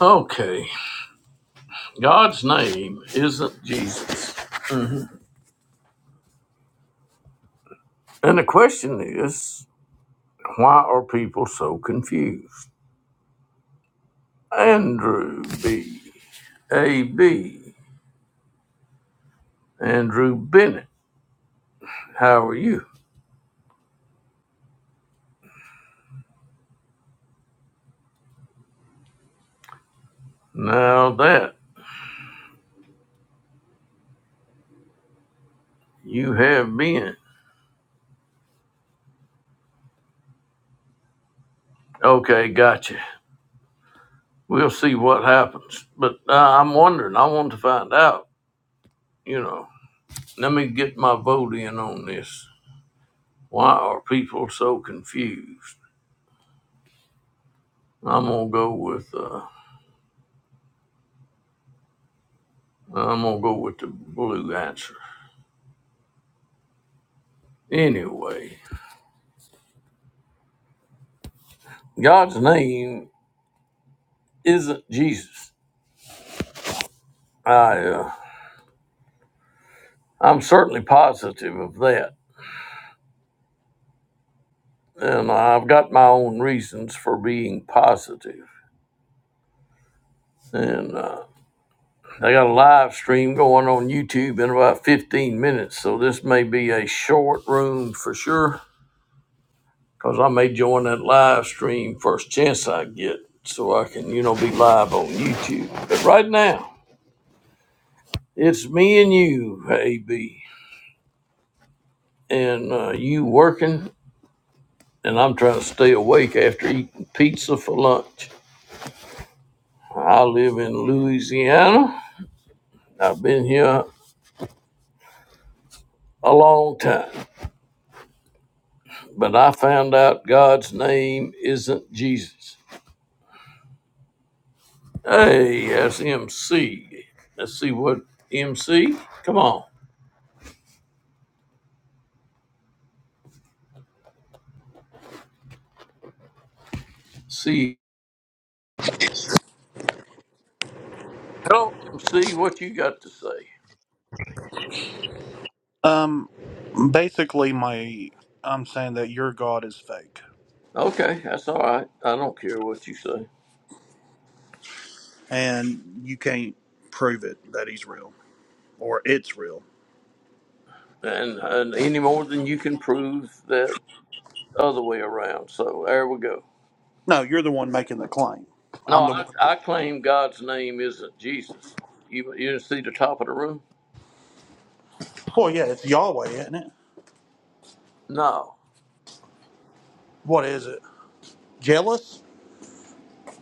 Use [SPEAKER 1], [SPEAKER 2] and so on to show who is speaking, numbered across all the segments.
[SPEAKER 1] Okay, God's name isn't Jesus. And the question is, why are people so confused? Andrew B. A. B. Andrew Bennett, how are you? Now that you have been. Okay, gotcha. We'll see what happens. But uh, I'm wondering, I want to find out, you know. Let me get my vote in on this. Why are people so confused? I'm going to go with. Uh, I'm gonna go with the blue answer. Anyway, God's name isn't Jesus. I uh, I'm certainly positive of that, and I've got my own reasons for being positive. And uh, they got a live stream going on YouTube in about 15 minutes, so this may be a short room for sure, because I may join that live stream first chance I get, so I can you know be live on YouTube. But right now, it's me and you, AB. and uh, you working, and I'm trying to stay awake after eating pizza for lunch. I live in Louisiana. I've been here a long time, but I found out God's name isn't Jesus. Hey, that's MC. Let's see what MC. Come on, see. Hello, MC. What you got to say?
[SPEAKER 2] Um, basically, my I'm saying that your God is fake,
[SPEAKER 1] Okay, that's all right. I don't care what you say,
[SPEAKER 2] and you can't prove it that he's real or it's real.
[SPEAKER 1] and, and any more than you can prove that other way around. So there we go.
[SPEAKER 2] No, you're the one making the claim.
[SPEAKER 1] No,
[SPEAKER 2] I'm the one.
[SPEAKER 1] I,
[SPEAKER 2] That,
[SPEAKER 1] I claim God's name isn't Jesus. You, you see the top of the room?
[SPEAKER 2] well, yeah, it's Yahweh, isn't it?
[SPEAKER 1] No.
[SPEAKER 2] What is it? Jealous?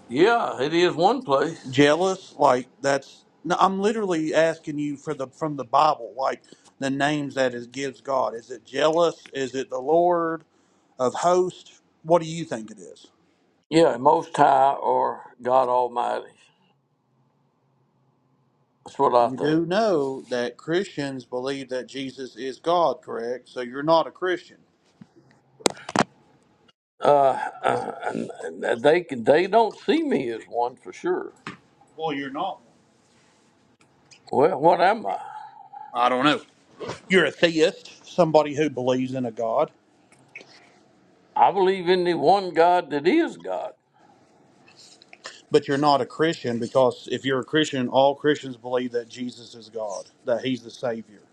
[SPEAKER 1] Yeah, it is one place.
[SPEAKER 2] Jealous? Like that's? No, I'm literally asking you for the from the Bible, like the names that it gives God. Is it jealous? Is it the Lord of hosts? What do you think it is?
[SPEAKER 1] Yeah, Most High or God Almighty. That's what I
[SPEAKER 2] You
[SPEAKER 1] think.
[SPEAKER 2] do know that Christians believe that Jesus is God, correct? So you're not a Christian.
[SPEAKER 1] Uh, uh, and, and they can, they don't see me as one for sure.
[SPEAKER 2] Well, you're not.
[SPEAKER 1] Well, what am I?
[SPEAKER 2] one. I don't know. You're a theist, somebody who believes in a God,
[SPEAKER 1] I believe in the one God that is God.
[SPEAKER 2] but you're not a Christian because if you're a Christian, all Christians believe that Jesus is God, that he's the Savior.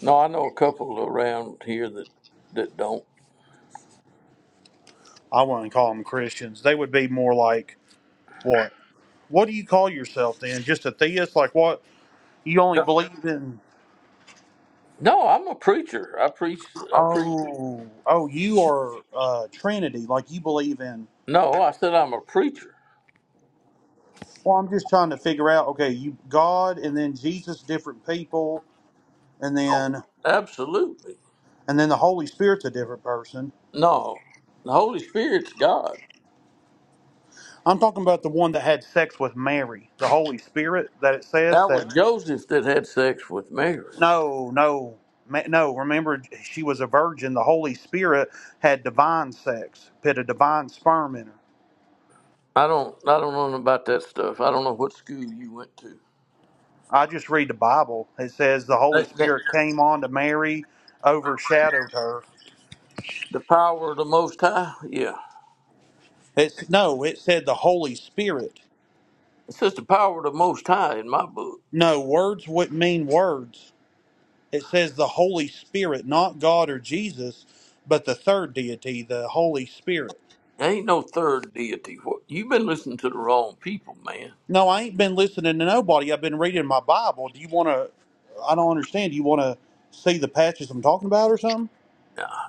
[SPEAKER 1] No, I know a couple around here that that don't.
[SPEAKER 2] I wouldn't call them Christians. They would be more like what? What do you call yourself then? Just a theist? Like what? You only believe in.
[SPEAKER 1] No, I'm a preacher. I preach. I preach.
[SPEAKER 2] Oh, oh, you are uh, Trinity. Like you believe in
[SPEAKER 1] No, I said I'm a preacher.
[SPEAKER 2] Well, I'm just trying to figure out. Okay, you God, and then Jesus, different people, and
[SPEAKER 1] Oh,
[SPEAKER 2] then
[SPEAKER 1] absolutely.
[SPEAKER 2] and then the Holy Spirit's a different person.
[SPEAKER 1] No, the Holy Spirit's God.
[SPEAKER 2] I'm talking about the one that had sex with Mary, the Holy Spirit. That it says
[SPEAKER 1] That was
[SPEAKER 2] that
[SPEAKER 1] Joseph that had sex with Mary.
[SPEAKER 2] no, no, ma- no. Remember, she was a virgin. The Holy Spirit had divine sex, put a divine sperm in her.
[SPEAKER 1] I don't, I don't know about that stuff. I don't know what school you went to.
[SPEAKER 2] I just read the Bible. It says the Holy
[SPEAKER 1] That, that,
[SPEAKER 2] Spirit came on to Mary, overshadowed her.
[SPEAKER 1] the power of the Most High. Yeah,
[SPEAKER 2] It's no. It said the Holy Spirit.
[SPEAKER 1] it says the power of the Most High in my book.
[SPEAKER 2] No, words would mean words. It says the Holy Spirit, not God or Jesus, but the third deity, the Holy Spirit.
[SPEAKER 1] There ain't no third deity. What you've been listening to the wrong people, man.
[SPEAKER 2] No, I ain't been listening to nobody. I've been reading my Bible. Do you want to? I don't understand. Do you want to see the patches I'm talking about or something?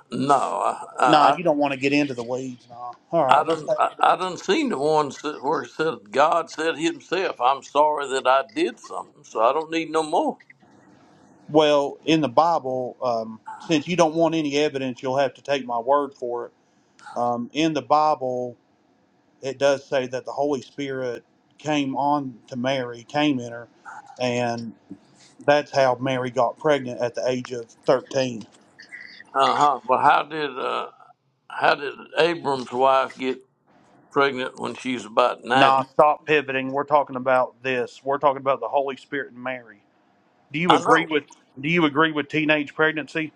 [SPEAKER 1] No, I,
[SPEAKER 2] Nah,
[SPEAKER 1] I,
[SPEAKER 2] you don't want to get into the weeds. Nah. All
[SPEAKER 1] I, I
[SPEAKER 2] right. Well,
[SPEAKER 1] done,
[SPEAKER 2] thank-
[SPEAKER 1] I, I done seen the ones that where it said God said Himself, "I'm sorry that I did something, so I don't need no more."
[SPEAKER 2] well in the Bible, um, since you don't want any evidence, you'll have to take my word for it. Um, in the Bible, it does say that the Holy Spirit came on to Mary, came in her, and that's how Mary got pregnant at the age of 13.
[SPEAKER 1] Uh huh. Well, how did uh, how did Abram's wife get pregnant when she's about
[SPEAKER 2] Nah,
[SPEAKER 1] ninety?
[SPEAKER 2] stop pivoting. We're talking about this. We're talking about the Holy Spirit and Mary. Do you
[SPEAKER 1] I
[SPEAKER 2] agree
[SPEAKER 1] know.
[SPEAKER 2] with do you agree with teenage pregnancy?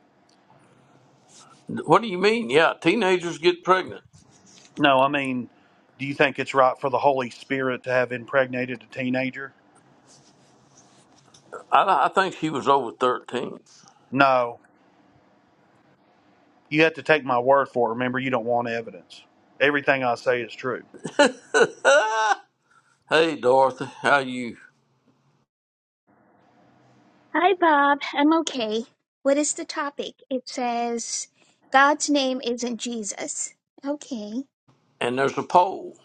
[SPEAKER 1] What do you mean? Yeah, teenagers get pregnant.
[SPEAKER 2] No, I mean, do you think it's right for the Holy Spirit to have impregnated a teenager?
[SPEAKER 1] I, I think she was over thirteen.
[SPEAKER 2] No. You have to take my word for it. Remember, you don't want evidence. Everything I say is true.
[SPEAKER 1] Ah! hey, Dorothy, how you?
[SPEAKER 3] Hi, Bob. I'm okay. What is the topic? It says God's name isn't Jesus. Okay.
[SPEAKER 1] And there's a poll.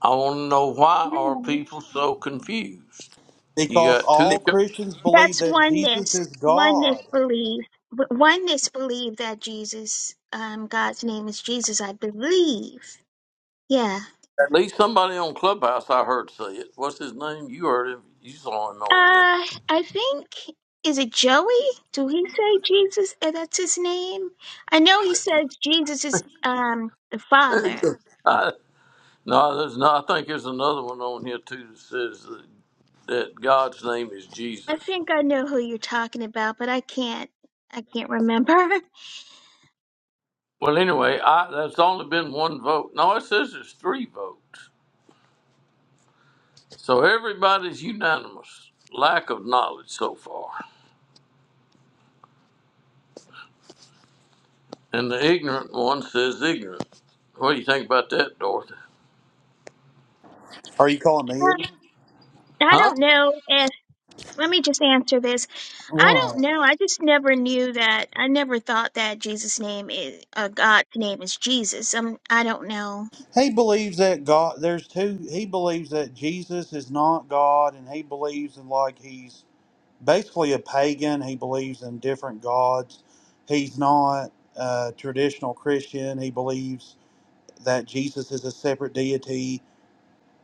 [SPEAKER 1] I want to know why are
[SPEAKER 3] Alright.
[SPEAKER 1] people so confused? You
[SPEAKER 2] Because
[SPEAKER 1] got two.
[SPEAKER 2] all
[SPEAKER 1] At
[SPEAKER 2] Christians believe
[SPEAKER 3] That's
[SPEAKER 2] that Jesus
[SPEAKER 3] oneness.
[SPEAKER 2] is
[SPEAKER 3] Oneness
[SPEAKER 2] God.
[SPEAKER 3] belief. W- Oneness believe that Jesus, um, God's name is Jesus. I believe. Yeah.
[SPEAKER 1] least somebody on Clubhouse I heard say it. What's his name? You heard him. You saw him on you.
[SPEAKER 3] Uh, I think is it Joey? Do he say Jesus? Uh, That's his name. I know he says Jesus is um the Father.
[SPEAKER 1] I, no, there's no. I think there's another one on here too that says that God's name is
[SPEAKER 3] I
[SPEAKER 1] Jesus.
[SPEAKER 3] think I know who you're talking about, but I can't. I can't remember.
[SPEAKER 1] Well, anyway, I, that's only been one vote. No, it says there's three votes. So everybody's unanimous. Lack of knowledge so far. And the ignorant one says ignorant. What do you think about that, Dorothy?
[SPEAKER 2] Are you calling me?
[SPEAKER 3] Um,
[SPEAKER 2] ignorant?
[SPEAKER 3] I
[SPEAKER 1] Huh?
[SPEAKER 3] don't know if. Let me just answer this. I
[SPEAKER 2] What?
[SPEAKER 3] don't know. I just never knew that. I never thought that Jesus' name is uh, God's name is Jesus. Um, I don't know.
[SPEAKER 2] He believes that God. There's two. He believes that Jesus is not God, and he believes in like he's basically a pagan. He believes in different gods. He's not a traditional Christian. He believes that Jesus is a separate deity.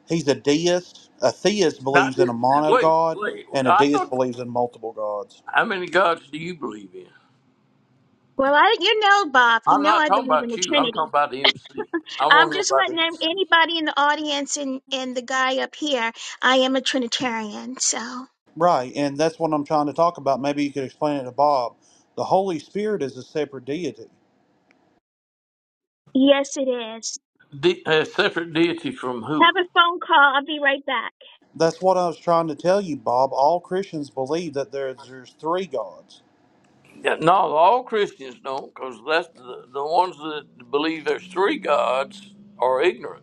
[SPEAKER 2] He's a deist. A theist
[SPEAKER 1] Not,
[SPEAKER 2] believes in a
[SPEAKER 1] wait,
[SPEAKER 2] monogod,
[SPEAKER 1] wait.
[SPEAKER 2] and a
[SPEAKER 1] I
[SPEAKER 2] deist
[SPEAKER 1] thought.
[SPEAKER 2] believes in multiple gods.
[SPEAKER 1] How many gods do you believe in?
[SPEAKER 3] Well, I you know, Bob. You
[SPEAKER 1] I'm
[SPEAKER 3] know,
[SPEAKER 1] not
[SPEAKER 3] I
[SPEAKER 1] talking
[SPEAKER 3] believe in
[SPEAKER 1] about
[SPEAKER 3] the
[SPEAKER 1] you. I'm
[SPEAKER 3] Trinity.
[SPEAKER 1] talking about the MC. I
[SPEAKER 3] I'm
[SPEAKER 1] want to know
[SPEAKER 3] just
[SPEAKER 1] about the
[SPEAKER 3] letting em-
[SPEAKER 1] MC.
[SPEAKER 3] anybody in the audience and and the guy up here. I am a Trinitarian, so
[SPEAKER 2] Right, and that's what I'm trying to talk about. Maybe you could explain it to Bob. The Holy Spirit is a separate deity.
[SPEAKER 3] yes, it is.
[SPEAKER 1] De- a separate deity from who?
[SPEAKER 3] Have a phone call. I'll be right back.
[SPEAKER 2] That's what I was trying to tell you, Bob. All Christians believe that there's, there's three gods.
[SPEAKER 1] Yeah, no, all Christians don't, because that's the, the ones that believe there's three gods are ignorant.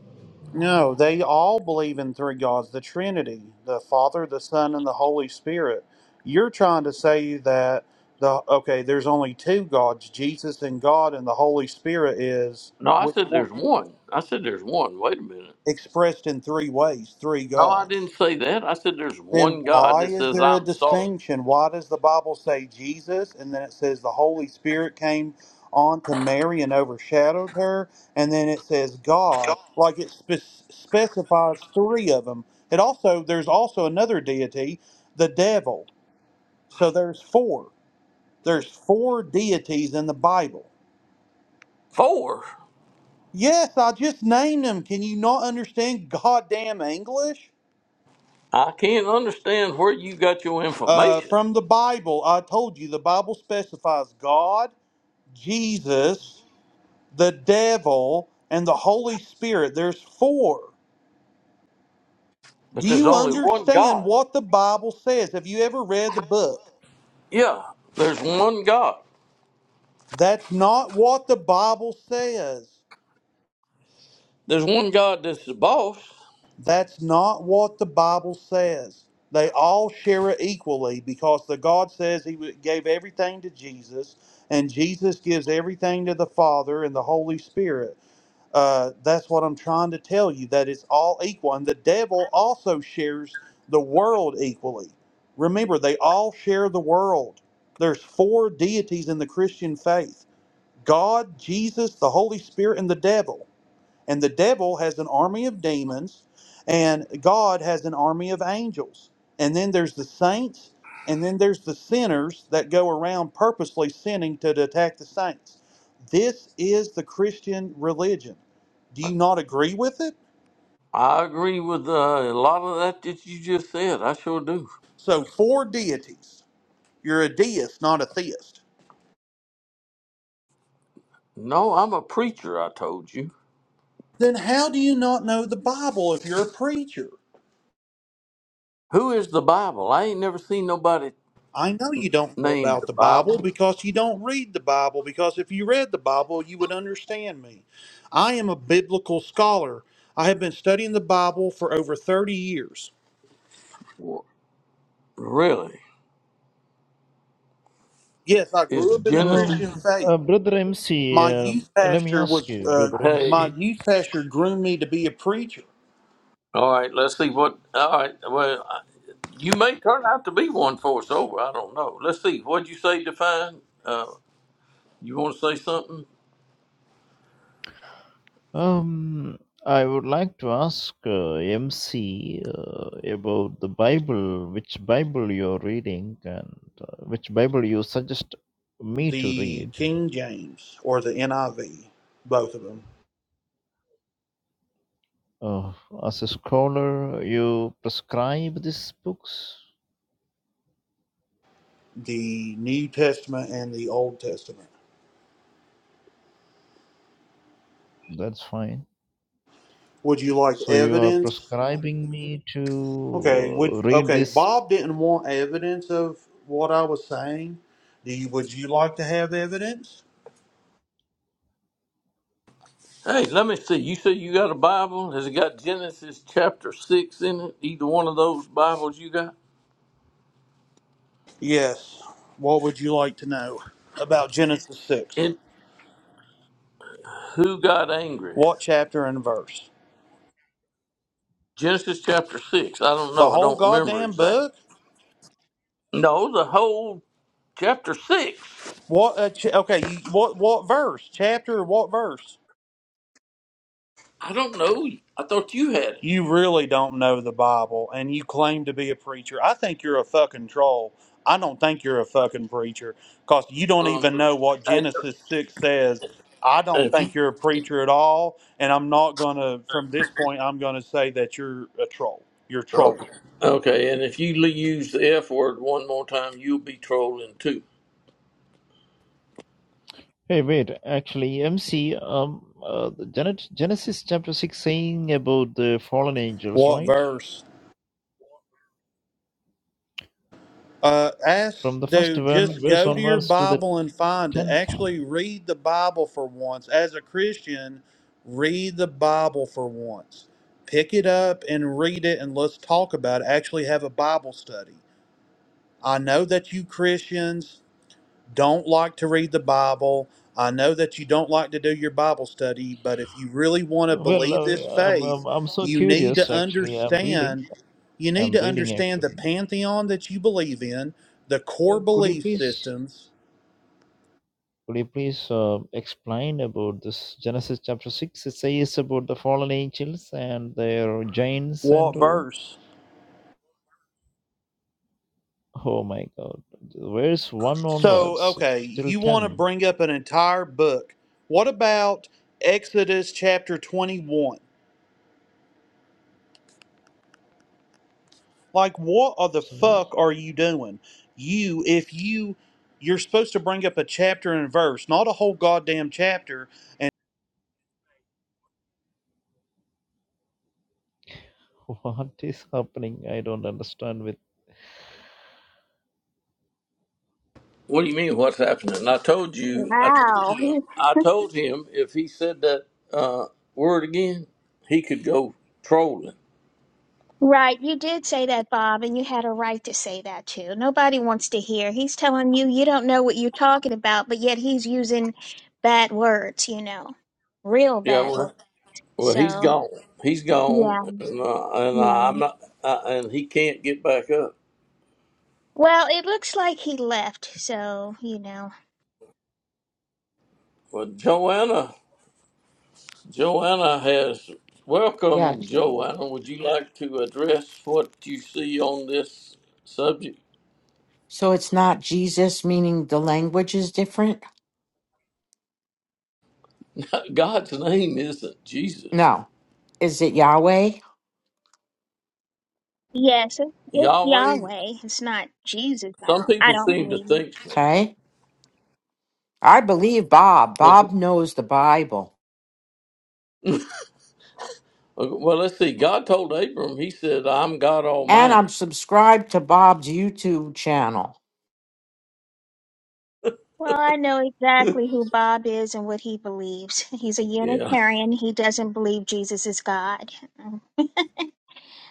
[SPEAKER 2] No, they all believe in three gods the Trinity, the Father, the Son, and the Holy Spirit. You're trying to say that the okay, there's only two gods, Jesus and God, and the Holy Spirit is
[SPEAKER 1] No, I
[SPEAKER 2] which
[SPEAKER 1] said
[SPEAKER 2] one
[SPEAKER 1] there's
[SPEAKER 2] of them?
[SPEAKER 1] one. I said there's one. Wait a minute.
[SPEAKER 2] Expressed in three ways, three
[SPEAKER 1] No,
[SPEAKER 2] gods.
[SPEAKER 1] I didn't say that. I said there's
[SPEAKER 2] Then
[SPEAKER 1] one God
[SPEAKER 2] why
[SPEAKER 1] that
[SPEAKER 2] is
[SPEAKER 1] says
[SPEAKER 2] there a
[SPEAKER 1] I'm sorry.
[SPEAKER 2] distinction? Why does the Bible say Jesus and then it says the Holy Spirit came on to Mary and overshadowed her? And then it says God, like it spe- specifies three of them. It also, there's also another deity, the devil. So there's four. There's four deities in the Bible.
[SPEAKER 1] Four.
[SPEAKER 2] Yes, I just named them. Can you not understand goddamn English?
[SPEAKER 1] I can't understand where you got your
[SPEAKER 2] Uh,
[SPEAKER 1] information,
[SPEAKER 2] from the Bible, I told you the Bible specifies God. Jesus, the devil, and the Holy Spirit. There's four.
[SPEAKER 1] but
[SPEAKER 2] Do
[SPEAKER 1] there's
[SPEAKER 2] you
[SPEAKER 1] only one
[SPEAKER 2] understand
[SPEAKER 1] God.
[SPEAKER 2] what the Bible says? Have you ever read the book?
[SPEAKER 1] Yeah, there's one God.
[SPEAKER 2] That's not what the Bible says.
[SPEAKER 1] There's one God that's the boss.
[SPEAKER 2] That's not what the Bible says. They all share it equally because the God says he w- gave everything to Jesus and Jesus gives everything to the Father and the Holy Spirit. Uh, that's what I'm trying to tell you, that it's all equal. And the devil also shares the world equally. Remember, they all share the world. There's four deities in the Christian faith God, Jesus, the Holy Spirit, and the devil. And the devil has an army of demons, and God has an army of angels. And then there's the saints, and then there's the sinners that go around purposely sinning to attack the saints. This is the Christian religion. Do you not agree with it?
[SPEAKER 1] I agree with uh, a lot of that that you just said. I sure do.
[SPEAKER 2] So, four deities. You're a deist, not a theist.
[SPEAKER 1] No, I'm a preacher. I told you.
[SPEAKER 2] Then, how do you not know the Bible if you're a preacher?
[SPEAKER 1] Who is the Bible? I ain't never seen nobody
[SPEAKER 2] I know you don't know
[SPEAKER 1] named
[SPEAKER 2] about
[SPEAKER 1] the
[SPEAKER 2] the Bible
[SPEAKER 1] Bible.
[SPEAKER 2] because you don't read the Bible. Because if you read the Bible, you would understand me. I am a biblical scholar. I have been studying the Bible for over 30 years.
[SPEAKER 1] Wha- Really?
[SPEAKER 2] Yes, I grew
[SPEAKER 1] Is
[SPEAKER 2] up in the
[SPEAKER 1] Genesis?
[SPEAKER 2] Christian
[SPEAKER 4] Um,
[SPEAKER 2] faith.
[SPEAKER 4] uh, Brother MC,
[SPEAKER 2] My
[SPEAKER 4] uh,
[SPEAKER 2] youth
[SPEAKER 4] let me
[SPEAKER 2] pastor
[SPEAKER 4] ask
[SPEAKER 2] was,
[SPEAKER 4] you,
[SPEAKER 2] uh,
[SPEAKER 4] Brother
[SPEAKER 2] my
[SPEAKER 1] Hey,
[SPEAKER 4] MC.
[SPEAKER 2] youth pastor groomed me to be a preacher.
[SPEAKER 1] all right. Let's see what. All right. Well, I- you may turn out to be one for us over. I don't know. Let's see. What'd you say, Define? Uh, you want to say something?
[SPEAKER 4] Um, I would like to ask uh, MC uh, about the Bible, which Bible you're reading, and uh, which Bible you suggest me to
[SPEAKER 2] The
[SPEAKER 4] read.
[SPEAKER 2] King James or the NIV, both of them,
[SPEAKER 4] Uh, as a scholar, you prescribe these books.
[SPEAKER 2] the New Testament and the Old Testament.
[SPEAKER 4] That's fine.
[SPEAKER 2] Would you like
[SPEAKER 4] So you are
[SPEAKER 2] evidence?
[SPEAKER 4] prescribing me
[SPEAKER 2] Okay, would
[SPEAKER 4] to uh, read
[SPEAKER 2] okay.
[SPEAKER 4] this
[SPEAKER 2] Bob didn't want evidence of what I was saying. Do you, would you like to have evidence?
[SPEAKER 1] Hey, let me see. You say you got a Bible? Has it got Genesis chapter six in it? Either one of those Bibles you got?
[SPEAKER 2] Yes. What would you like to know about Genesis six?
[SPEAKER 1] And who got angry?
[SPEAKER 2] What chapter and verse?
[SPEAKER 1] Genesis chapter six. I don't
[SPEAKER 2] The
[SPEAKER 1] know. I
[SPEAKER 2] whole
[SPEAKER 1] don't remember
[SPEAKER 2] goddamn
[SPEAKER 1] exactly.
[SPEAKER 2] book.
[SPEAKER 1] No, the whole chapter six.
[SPEAKER 2] What? A ch- okay. You, what? What verse? Chapter? or What verse?
[SPEAKER 1] I don't know. I thought you had it.
[SPEAKER 2] you really don't know the Bible and you claim to be a preacher. I think you're a fucking troll. I don't think you're a fucking preacher because you don't
[SPEAKER 1] Um,
[SPEAKER 2] even know what
[SPEAKER 1] I-
[SPEAKER 2] Genesis 6 says. I don't
[SPEAKER 1] if
[SPEAKER 2] think you're a preacher at all. And I'm not going to, from this point, I'm going to say that you're a troll. You're a troll.
[SPEAKER 1] okay. okay, and if you l- use the F word one more time, you'll be trolling too.
[SPEAKER 4] Hey, wait, actually, MC, um, uh, the Gen- Genesis chapter 6 saying about the fallen angels,
[SPEAKER 2] What
[SPEAKER 4] right?
[SPEAKER 2] verse? Uh, ask,
[SPEAKER 4] From the first
[SPEAKER 2] dude,
[SPEAKER 4] one,
[SPEAKER 2] just
[SPEAKER 4] verse
[SPEAKER 2] go to your
[SPEAKER 4] onwards to the
[SPEAKER 2] Bible and find it.
[SPEAKER 4] 10th.
[SPEAKER 2] Actually, read the Bible for once. As a Christian, read the Bible for once. Pick it up and read it, and let's talk about it. Actually, have a Bible study. I know that you Christians don't like to read the Bible. I know that you don't like to do your Bible study, but if you really want to
[SPEAKER 4] Well,
[SPEAKER 2] believe this
[SPEAKER 4] uh, I'm,
[SPEAKER 2] faith,
[SPEAKER 4] I'm, I'm so
[SPEAKER 2] you need to
[SPEAKER 4] curious, actually. I'm reading.
[SPEAKER 2] understand you need
[SPEAKER 4] I'm
[SPEAKER 2] to
[SPEAKER 4] reading,
[SPEAKER 2] understand the
[SPEAKER 4] actually.
[SPEAKER 2] pantheon that you believe in, the
[SPEAKER 4] Uh,
[SPEAKER 2] core
[SPEAKER 4] could you
[SPEAKER 2] belief
[SPEAKER 4] please,
[SPEAKER 2] systems.
[SPEAKER 4] could you please uh, explain about this Genesis chapter 6? It says about the fallen angels and their giants and
[SPEAKER 2] What
[SPEAKER 4] all.
[SPEAKER 2] verse?
[SPEAKER 4] Oh my God. Verse 1
[SPEAKER 2] So,
[SPEAKER 4] onwards
[SPEAKER 2] okay,
[SPEAKER 4] till
[SPEAKER 2] you want to
[SPEAKER 4] 10.
[SPEAKER 2] bring up an entire book. What about Exodus chapter 21? Like, what are the
[SPEAKER 4] So.
[SPEAKER 2] fuck are you doing? You, if you, you're supposed to bring up a chapter and verse, not a whole goddamn chapter,
[SPEAKER 4] What is happening? I don't understand with
[SPEAKER 1] What do you mean? What's happening? I told you. I told
[SPEAKER 3] Wow.
[SPEAKER 1] him. I told him if he said that uh, word again, he could go trolling.
[SPEAKER 3] Right, you did say that, Bob, and you had a right to say that too. Nobody wants to hear. He's telling you you don't know what you're talking about, but yet he's using bad words, you know, real
[SPEAKER 1] Yeah.
[SPEAKER 3] bad words.
[SPEAKER 1] Well, well he's
[SPEAKER 3] So,
[SPEAKER 1] gone. He's gone,
[SPEAKER 3] yeah,
[SPEAKER 1] and, uh, and
[SPEAKER 3] yeah.
[SPEAKER 1] I'm not. Uh, and he can't get back up.
[SPEAKER 3] Well, it looks like he left, so, you know.
[SPEAKER 1] Well, Joanna. Joanna has
[SPEAKER 5] Yeah.
[SPEAKER 1] welcome. Joanna, would you like to address what you see on this subject?
[SPEAKER 5] So it's not Jesus, meaning the language is different?
[SPEAKER 1] God's name isn't Jesus.
[SPEAKER 5] No. Is it Yahweh?
[SPEAKER 3] Yes, it- it's
[SPEAKER 1] Yahweh.
[SPEAKER 3] Yahweh. It's not Jesus. I
[SPEAKER 1] Some
[SPEAKER 3] don't I
[SPEAKER 1] people
[SPEAKER 3] don't
[SPEAKER 1] seem to
[SPEAKER 3] believe.
[SPEAKER 1] think so,
[SPEAKER 5] Okay. I believe Bob.
[SPEAKER 1] but
[SPEAKER 5] Bob knows the Bible.
[SPEAKER 1] well, let's see. God told Abram. He said, "I'm God
[SPEAKER 5] And I'm
[SPEAKER 1] Almighty."
[SPEAKER 5] subscribed to Bob's YouTube channel.
[SPEAKER 3] Well, I know exactly who Bob is and what he believes. He's a
[SPEAKER 1] Yeah.
[SPEAKER 3] Unitarian. He doesn't believe Jesus is God.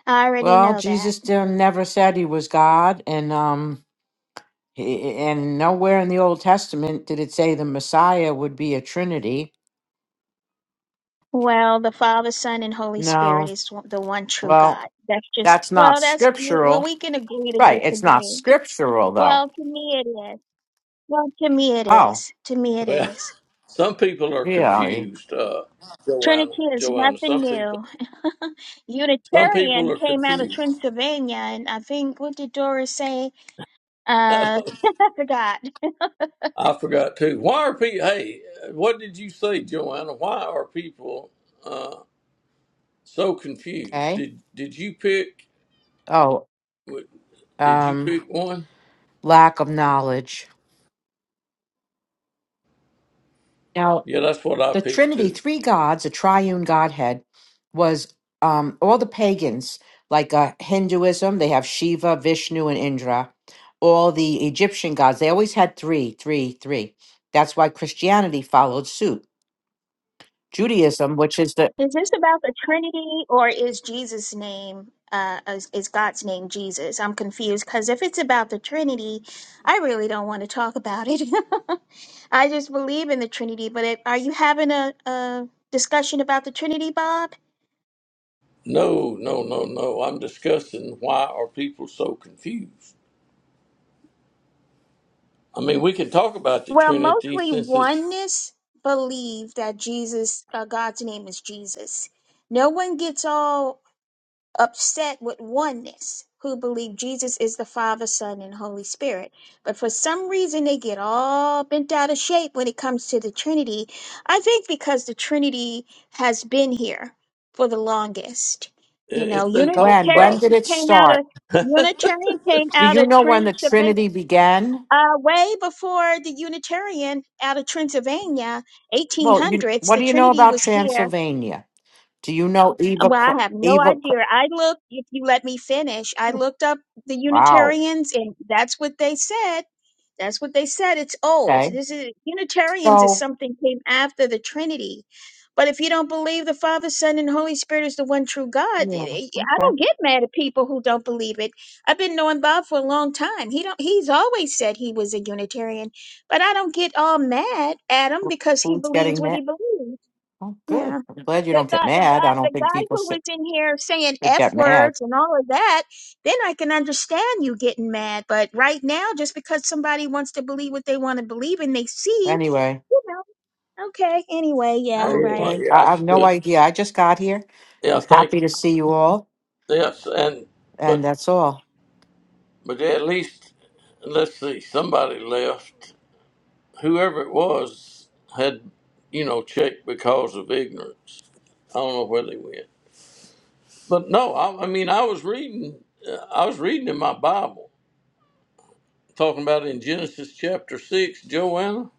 [SPEAKER 3] I already
[SPEAKER 5] Well,
[SPEAKER 3] know that.
[SPEAKER 5] Jesus still never said he was God. And, um, he- and nowhere in the Old Testament did it say the Messiah would be a Trinity.
[SPEAKER 3] Well, the Father, Son, and Holy Spirit
[SPEAKER 5] No.
[SPEAKER 3] is one- the one true
[SPEAKER 5] Well,
[SPEAKER 3] God. That's just,
[SPEAKER 5] that's not
[SPEAKER 3] well, that's, well,
[SPEAKER 5] scriptural.
[SPEAKER 3] we can agree to
[SPEAKER 5] Right. It's not
[SPEAKER 3] disagree.
[SPEAKER 5] scriptural, though.
[SPEAKER 3] Well, to me it is. Well, to me it
[SPEAKER 5] Oh,
[SPEAKER 3] is. To me it
[SPEAKER 1] Well,
[SPEAKER 3] is.
[SPEAKER 1] some people are
[SPEAKER 5] really?
[SPEAKER 1] confused. Uh, Joanna.
[SPEAKER 3] Trinity is
[SPEAKER 1] Joanna. Some
[SPEAKER 3] nothing
[SPEAKER 1] people.
[SPEAKER 3] new.
[SPEAKER 1] Some people
[SPEAKER 3] Unitarian
[SPEAKER 1] are
[SPEAKER 3] came out of
[SPEAKER 1] confused.
[SPEAKER 3] Transylvania, and I think, what did Doris say? Uh, I forgot.
[SPEAKER 1] I forgot too. Why are people? Hey, what did you say, Joanna? Why are people uh, so confused?
[SPEAKER 5] Okay.
[SPEAKER 1] Did did you pick?
[SPEAKER 5] Oh.
[SPEAKER 1] w- Did you
[SPEAKER 5] um,
[SPEAKER 1] pick one?
[SPEAKER 5] lack of knowledge. Now,
[SPEAKER 1] Yeah, that's what I
[SPEAKER 5] the
[SPEAKER 1] picked
[SPEAKER 5] Trinity,
[SPEAKER 1] too.
[SPEAKER 5] three gods, a triune Godhead, was um, all the pagans, like uh, Hinduism, they have Shiva, Vishnu, and Indra. All the Egyptian gods, they always had three, three, three. That's why Christianity followed suit. Judaism, which is the
[SPEAKER 3] Is this about the Trinity or is Jesus' name, uh, is, is God's name Jesus? I'm confused because if it's about the Trinity, I really don't want to talk about it. I just believe in the Trinity, but it, are you having a, a discussion about the Trinity, Bob?
[SPEAKER 1] No, no, no, no. I'm discussing why are people so confused. I mean, we can talk about the
[SPEAKER 3] Well,
[SPEAKER 1] Trinity
[SPEAKER 3] mostly
[SPEAKER 1] since it's
[SPEAKER 3] oneness believe that Jesus, uh, God's name is Jesus. No one gets all upset with oneness who believe Jesus is the Father, Son, and Holy Spirit. But for some reason, they get all bent out of shape when it comes to the Trinity. I think because the Trinity has been here for the longest. You
[SPEAKER 1] it-
[SPEAKER 3] know,
[SPEAKER 1] it's been
[SPEAKER 3] Unitarians
[SPEAKER 1] talked
[SPEAKER 5] when, when
[SPEAKER 1] about.
[SPEAKER 5] did it
[SPEAKER 3] came out
[SPEAKER 5] start?
[SPEAKER 3] of Unitarian came
[SPEAKER 5] Do
[SPEAKER 3] out
[SPEAKER 5] you
[SPEAKER 3] of
[SPEAKER 5] know when the
[SPEAKER 3] Transylvania
[SPEAKER 5] Trinity began?
[SPEAKER 3] uh, way before the Unitarian out of Transylvania,
[SPEAKER 5] Well, you,
[SPEAKER 3] 1800s.
[SPEAKER 5] what
[SPEAKER 3] The
[SPEAKER 5] do you know
[SPEAKER 3] Trinity
[SPEAKER 5] about
[SPEAKER 3] was here
[SPEAKER 5] Transylvania? Do you know Eva?
[SPEAKER 3] well, I
[SPEAKER 5] Co-
[SPEAKER 3] have no
[SPEAKER 5] Eva?
[SPEAKER 3] idea.
[SPEAKER 5] Co-
[SPEAKER 3] I looked, if you let me finish, I looked up the
[SPEAKER 5] Wow.
[SPEAKER 3] Unitarians, and that's what they said. That's what they said. It's
[SPEAKER 5] Okay.
[SPEAKER 3] old. This is Unitarians is
[SPEAKER 5] So,
[SPEAKER 3] something came after the Trinity. But if you don't believe the Father, Son, and Holy Spirit is the one true God, i-
[SPEAKER 5] yeah,
[SPEAKER 3] i-
[SPEAKER 5] okay.
[SPEAKER 3] don't get mad at people who don't believe it. I've been knowing Bob for a long time. He don't. He's always said he was a Unitarian, but I don't get all mad at him
[SPEAKER 5] Who-
[SPEAKER 3] because he
[SPEAKER 5] Who's
[SPEAKER 3] believes
[SPEAKER 5] getting
[SPEAKER 3] what
[SPEAKER 5] mad?
[SPEAKER 3] he believes.
[SPEAKER 5] Oh,
[SPEAKER 3] Yeah
[SPEAKER 5] good. I'm glad you
[SPEAKER 3] the
[SPEAKER 5] don't
[SPEAKER 3] guy,
[SPEAKER 5] get
[SPEAKER 3] the
[SPEAKER 5] mad.
[SPEAKER 3] guy,
[SPEAKER 5] I
[SPEAKER 3] the
[SPEAKER 5] don't think
[SPEAKER 3] guy
[SPEAKER 5] people
[SPEAKER 3] who was
[SPEAKER 5] should,
[SPEAKER 3] in here saying
[SPEAKER 5] should
[SPEAKER 3] f
[SPEAKER 5] get mad.
[SPEAKER 3] words and all of that, then I can understand you getting mad. But right now, just because somebody wants to believe what they want to believe and they see,
[SPEAKER 5] Anyway,
[SPEAKER 3] you know, okay. Anyway, yeah, right.
[SPEAKER 1] Anyway,
[SPEAKER 5] okay.
[SPEAKER 1] yeah,
[SPEAKER 5] I,
[SPEAKER 1] I
[SPEAKER 5] I have no
[SPEAKER 1] should,
[SPEAKER 5] idea. I just got here. I
[SPEAKER 1] yeah.
[SPEAKER 5] was
[SPEAKER 1] Thank
[SPEAKER 5] happy to
[SPEAKER 1] you.
[SPEAKER 5] see you all,
[SPEAKER 1] Yes, and
[SPEAKER 5] and
[SPEAKER 1] but
[SPEAKER 5] that's all.
[SPEAKER 1] but at least let's see. Somebody left. whoever it was had, you know, checked because of ignorance. I don't know where they went, but no, I, I mean, I was reading, uh, I was reading in my Bible, talking about in Genesis chapter six, Joanna.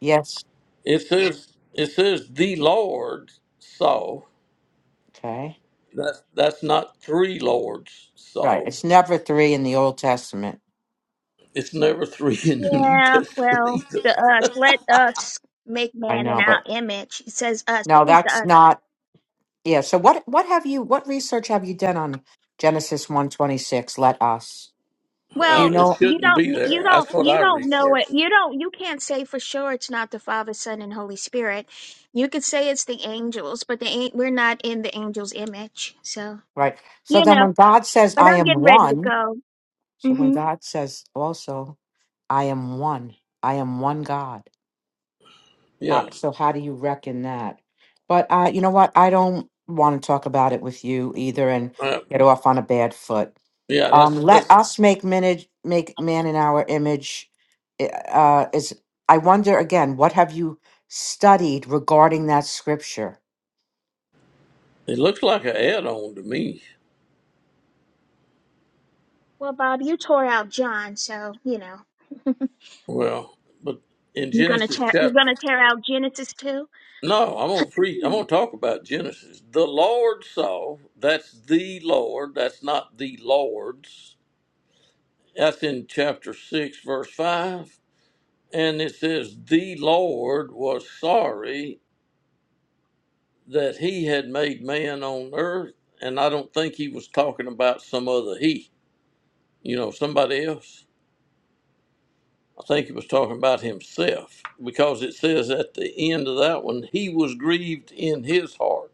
[SPEAKER 5] Yes.
[SPEAKER 1] It says, it says the Lord saw.
[SPEAKER 5] Okay.
[SPEAKER 1] That's that's not three lords
[SPEAKER 5] Right.
[SPEAKER 1] saw.
[SPEAKER 5] It's never three in the Old Testament.
[SPEAKER 1] It's never three in the New
[SPEAKER 3] Yeah,
[SPEAKER 1] Testament
[SPEAKER 3] well,
[SPEAKER 1] either.
[SPEAKER 3] the us, let us make
[SPEAKER 5] I
[SPEAKER 3] man in
[SPEAKER 5] know,
[SPEAKER 3] our
[SPEAKER 5] but
[SPEAKER 3] image. It says us.
[SPEAKER 5] no,
[SPEAKER 3] Who is the us?
[SPEAKER 5] that's not. Yeah. So what? What have you? What research have you done on Genesis one twenty six? Let us. Do
[SPEAKER 1] Uh,
[SPEAKER 5] you
[SPEAKER 3] Well,
[SPEAKER 1] it
[SPEAKER 5] know?
[SPEAKER 3] you
[SPEAKER 1] shouldn't be
[SPEAKER 3] don't, you
[SPEAKER 1] there.
[SPEAKER 3] don't,
[SPEAKER 1] That's what
[SPEAKER 3] you
[SPEAKER 1] I
[SPEAKER 3] don't know it.
[SPEAKER 1] researched.
[SPEAKER 3] You don't, you can't say for sure it's not the Father, Son, and Holy Spirit. You could say it's the angels, but the an- we're not in the angels' image. So,
[SPEAKER 5] Right. So
[SPEAKER 3] you
[SPEAKER 5] then,
[SPEAKER 3] know,
[SPEAKER 5] when God says,
[SPEAKER 3] but
[SPEAKER 5] "I
[SPEAKER 3] I'm
[SPEAKER 5] am
[SPEAKER 3] getting ready to
[SPEAKER 5] one,"
[SPEAKER 3] go.
[SPEAKER 5] So when
[SPEAKER 3] hmm
[SPEAKER 5] God says also, I am one, I am one God. How,
[SPEAKER 1] Yeah,
[SPEAKER 5] so how do you reckon that? But uh, you know what? I don't want to talk about it with you either and
[SPEAKER 1] uh,
[SPEAKER 5] get off on a bad foot.
[SPEAKER 1] yeah.
[SPEAKER 5] Um,
[SPEAKER 1] That's
[SPEAKER 5] let
[SPEAKER 1] that's
[SPEAKER 5] us make minute, make man in our image. i- Uh, is I wonder again, what have you studied regarding that scripture?
[SPEAKER 1] It looks like an add-on to me.
[SPEAKER 3] Well, Bob, you tore out John, so, you know,
[SPEAKER 1] Well, but in
[SPEAKER 3] you're going to
[SPEAKER 1] Genesis
[SPEAKER 3] tear, you're going
[SPEAKER 1] chapter,
[SPEAKER 3] to tear out Genesis too?
[SPEAKER 1] no, I'm gonna preach. I'm
[SPEAKER 3] Hmm.
[SPEAKER 1] gonna talk about Genesis. The Lord saw. That's the Lord. That's not the Lord's. That's in chapter six, verse five, and it says the Lord was sorry that he had made man on earth, and I don't think he was talking about some other he, you know, somebody else. I think he was talking about himself because it says at the end of that one, he was grieved in his heart.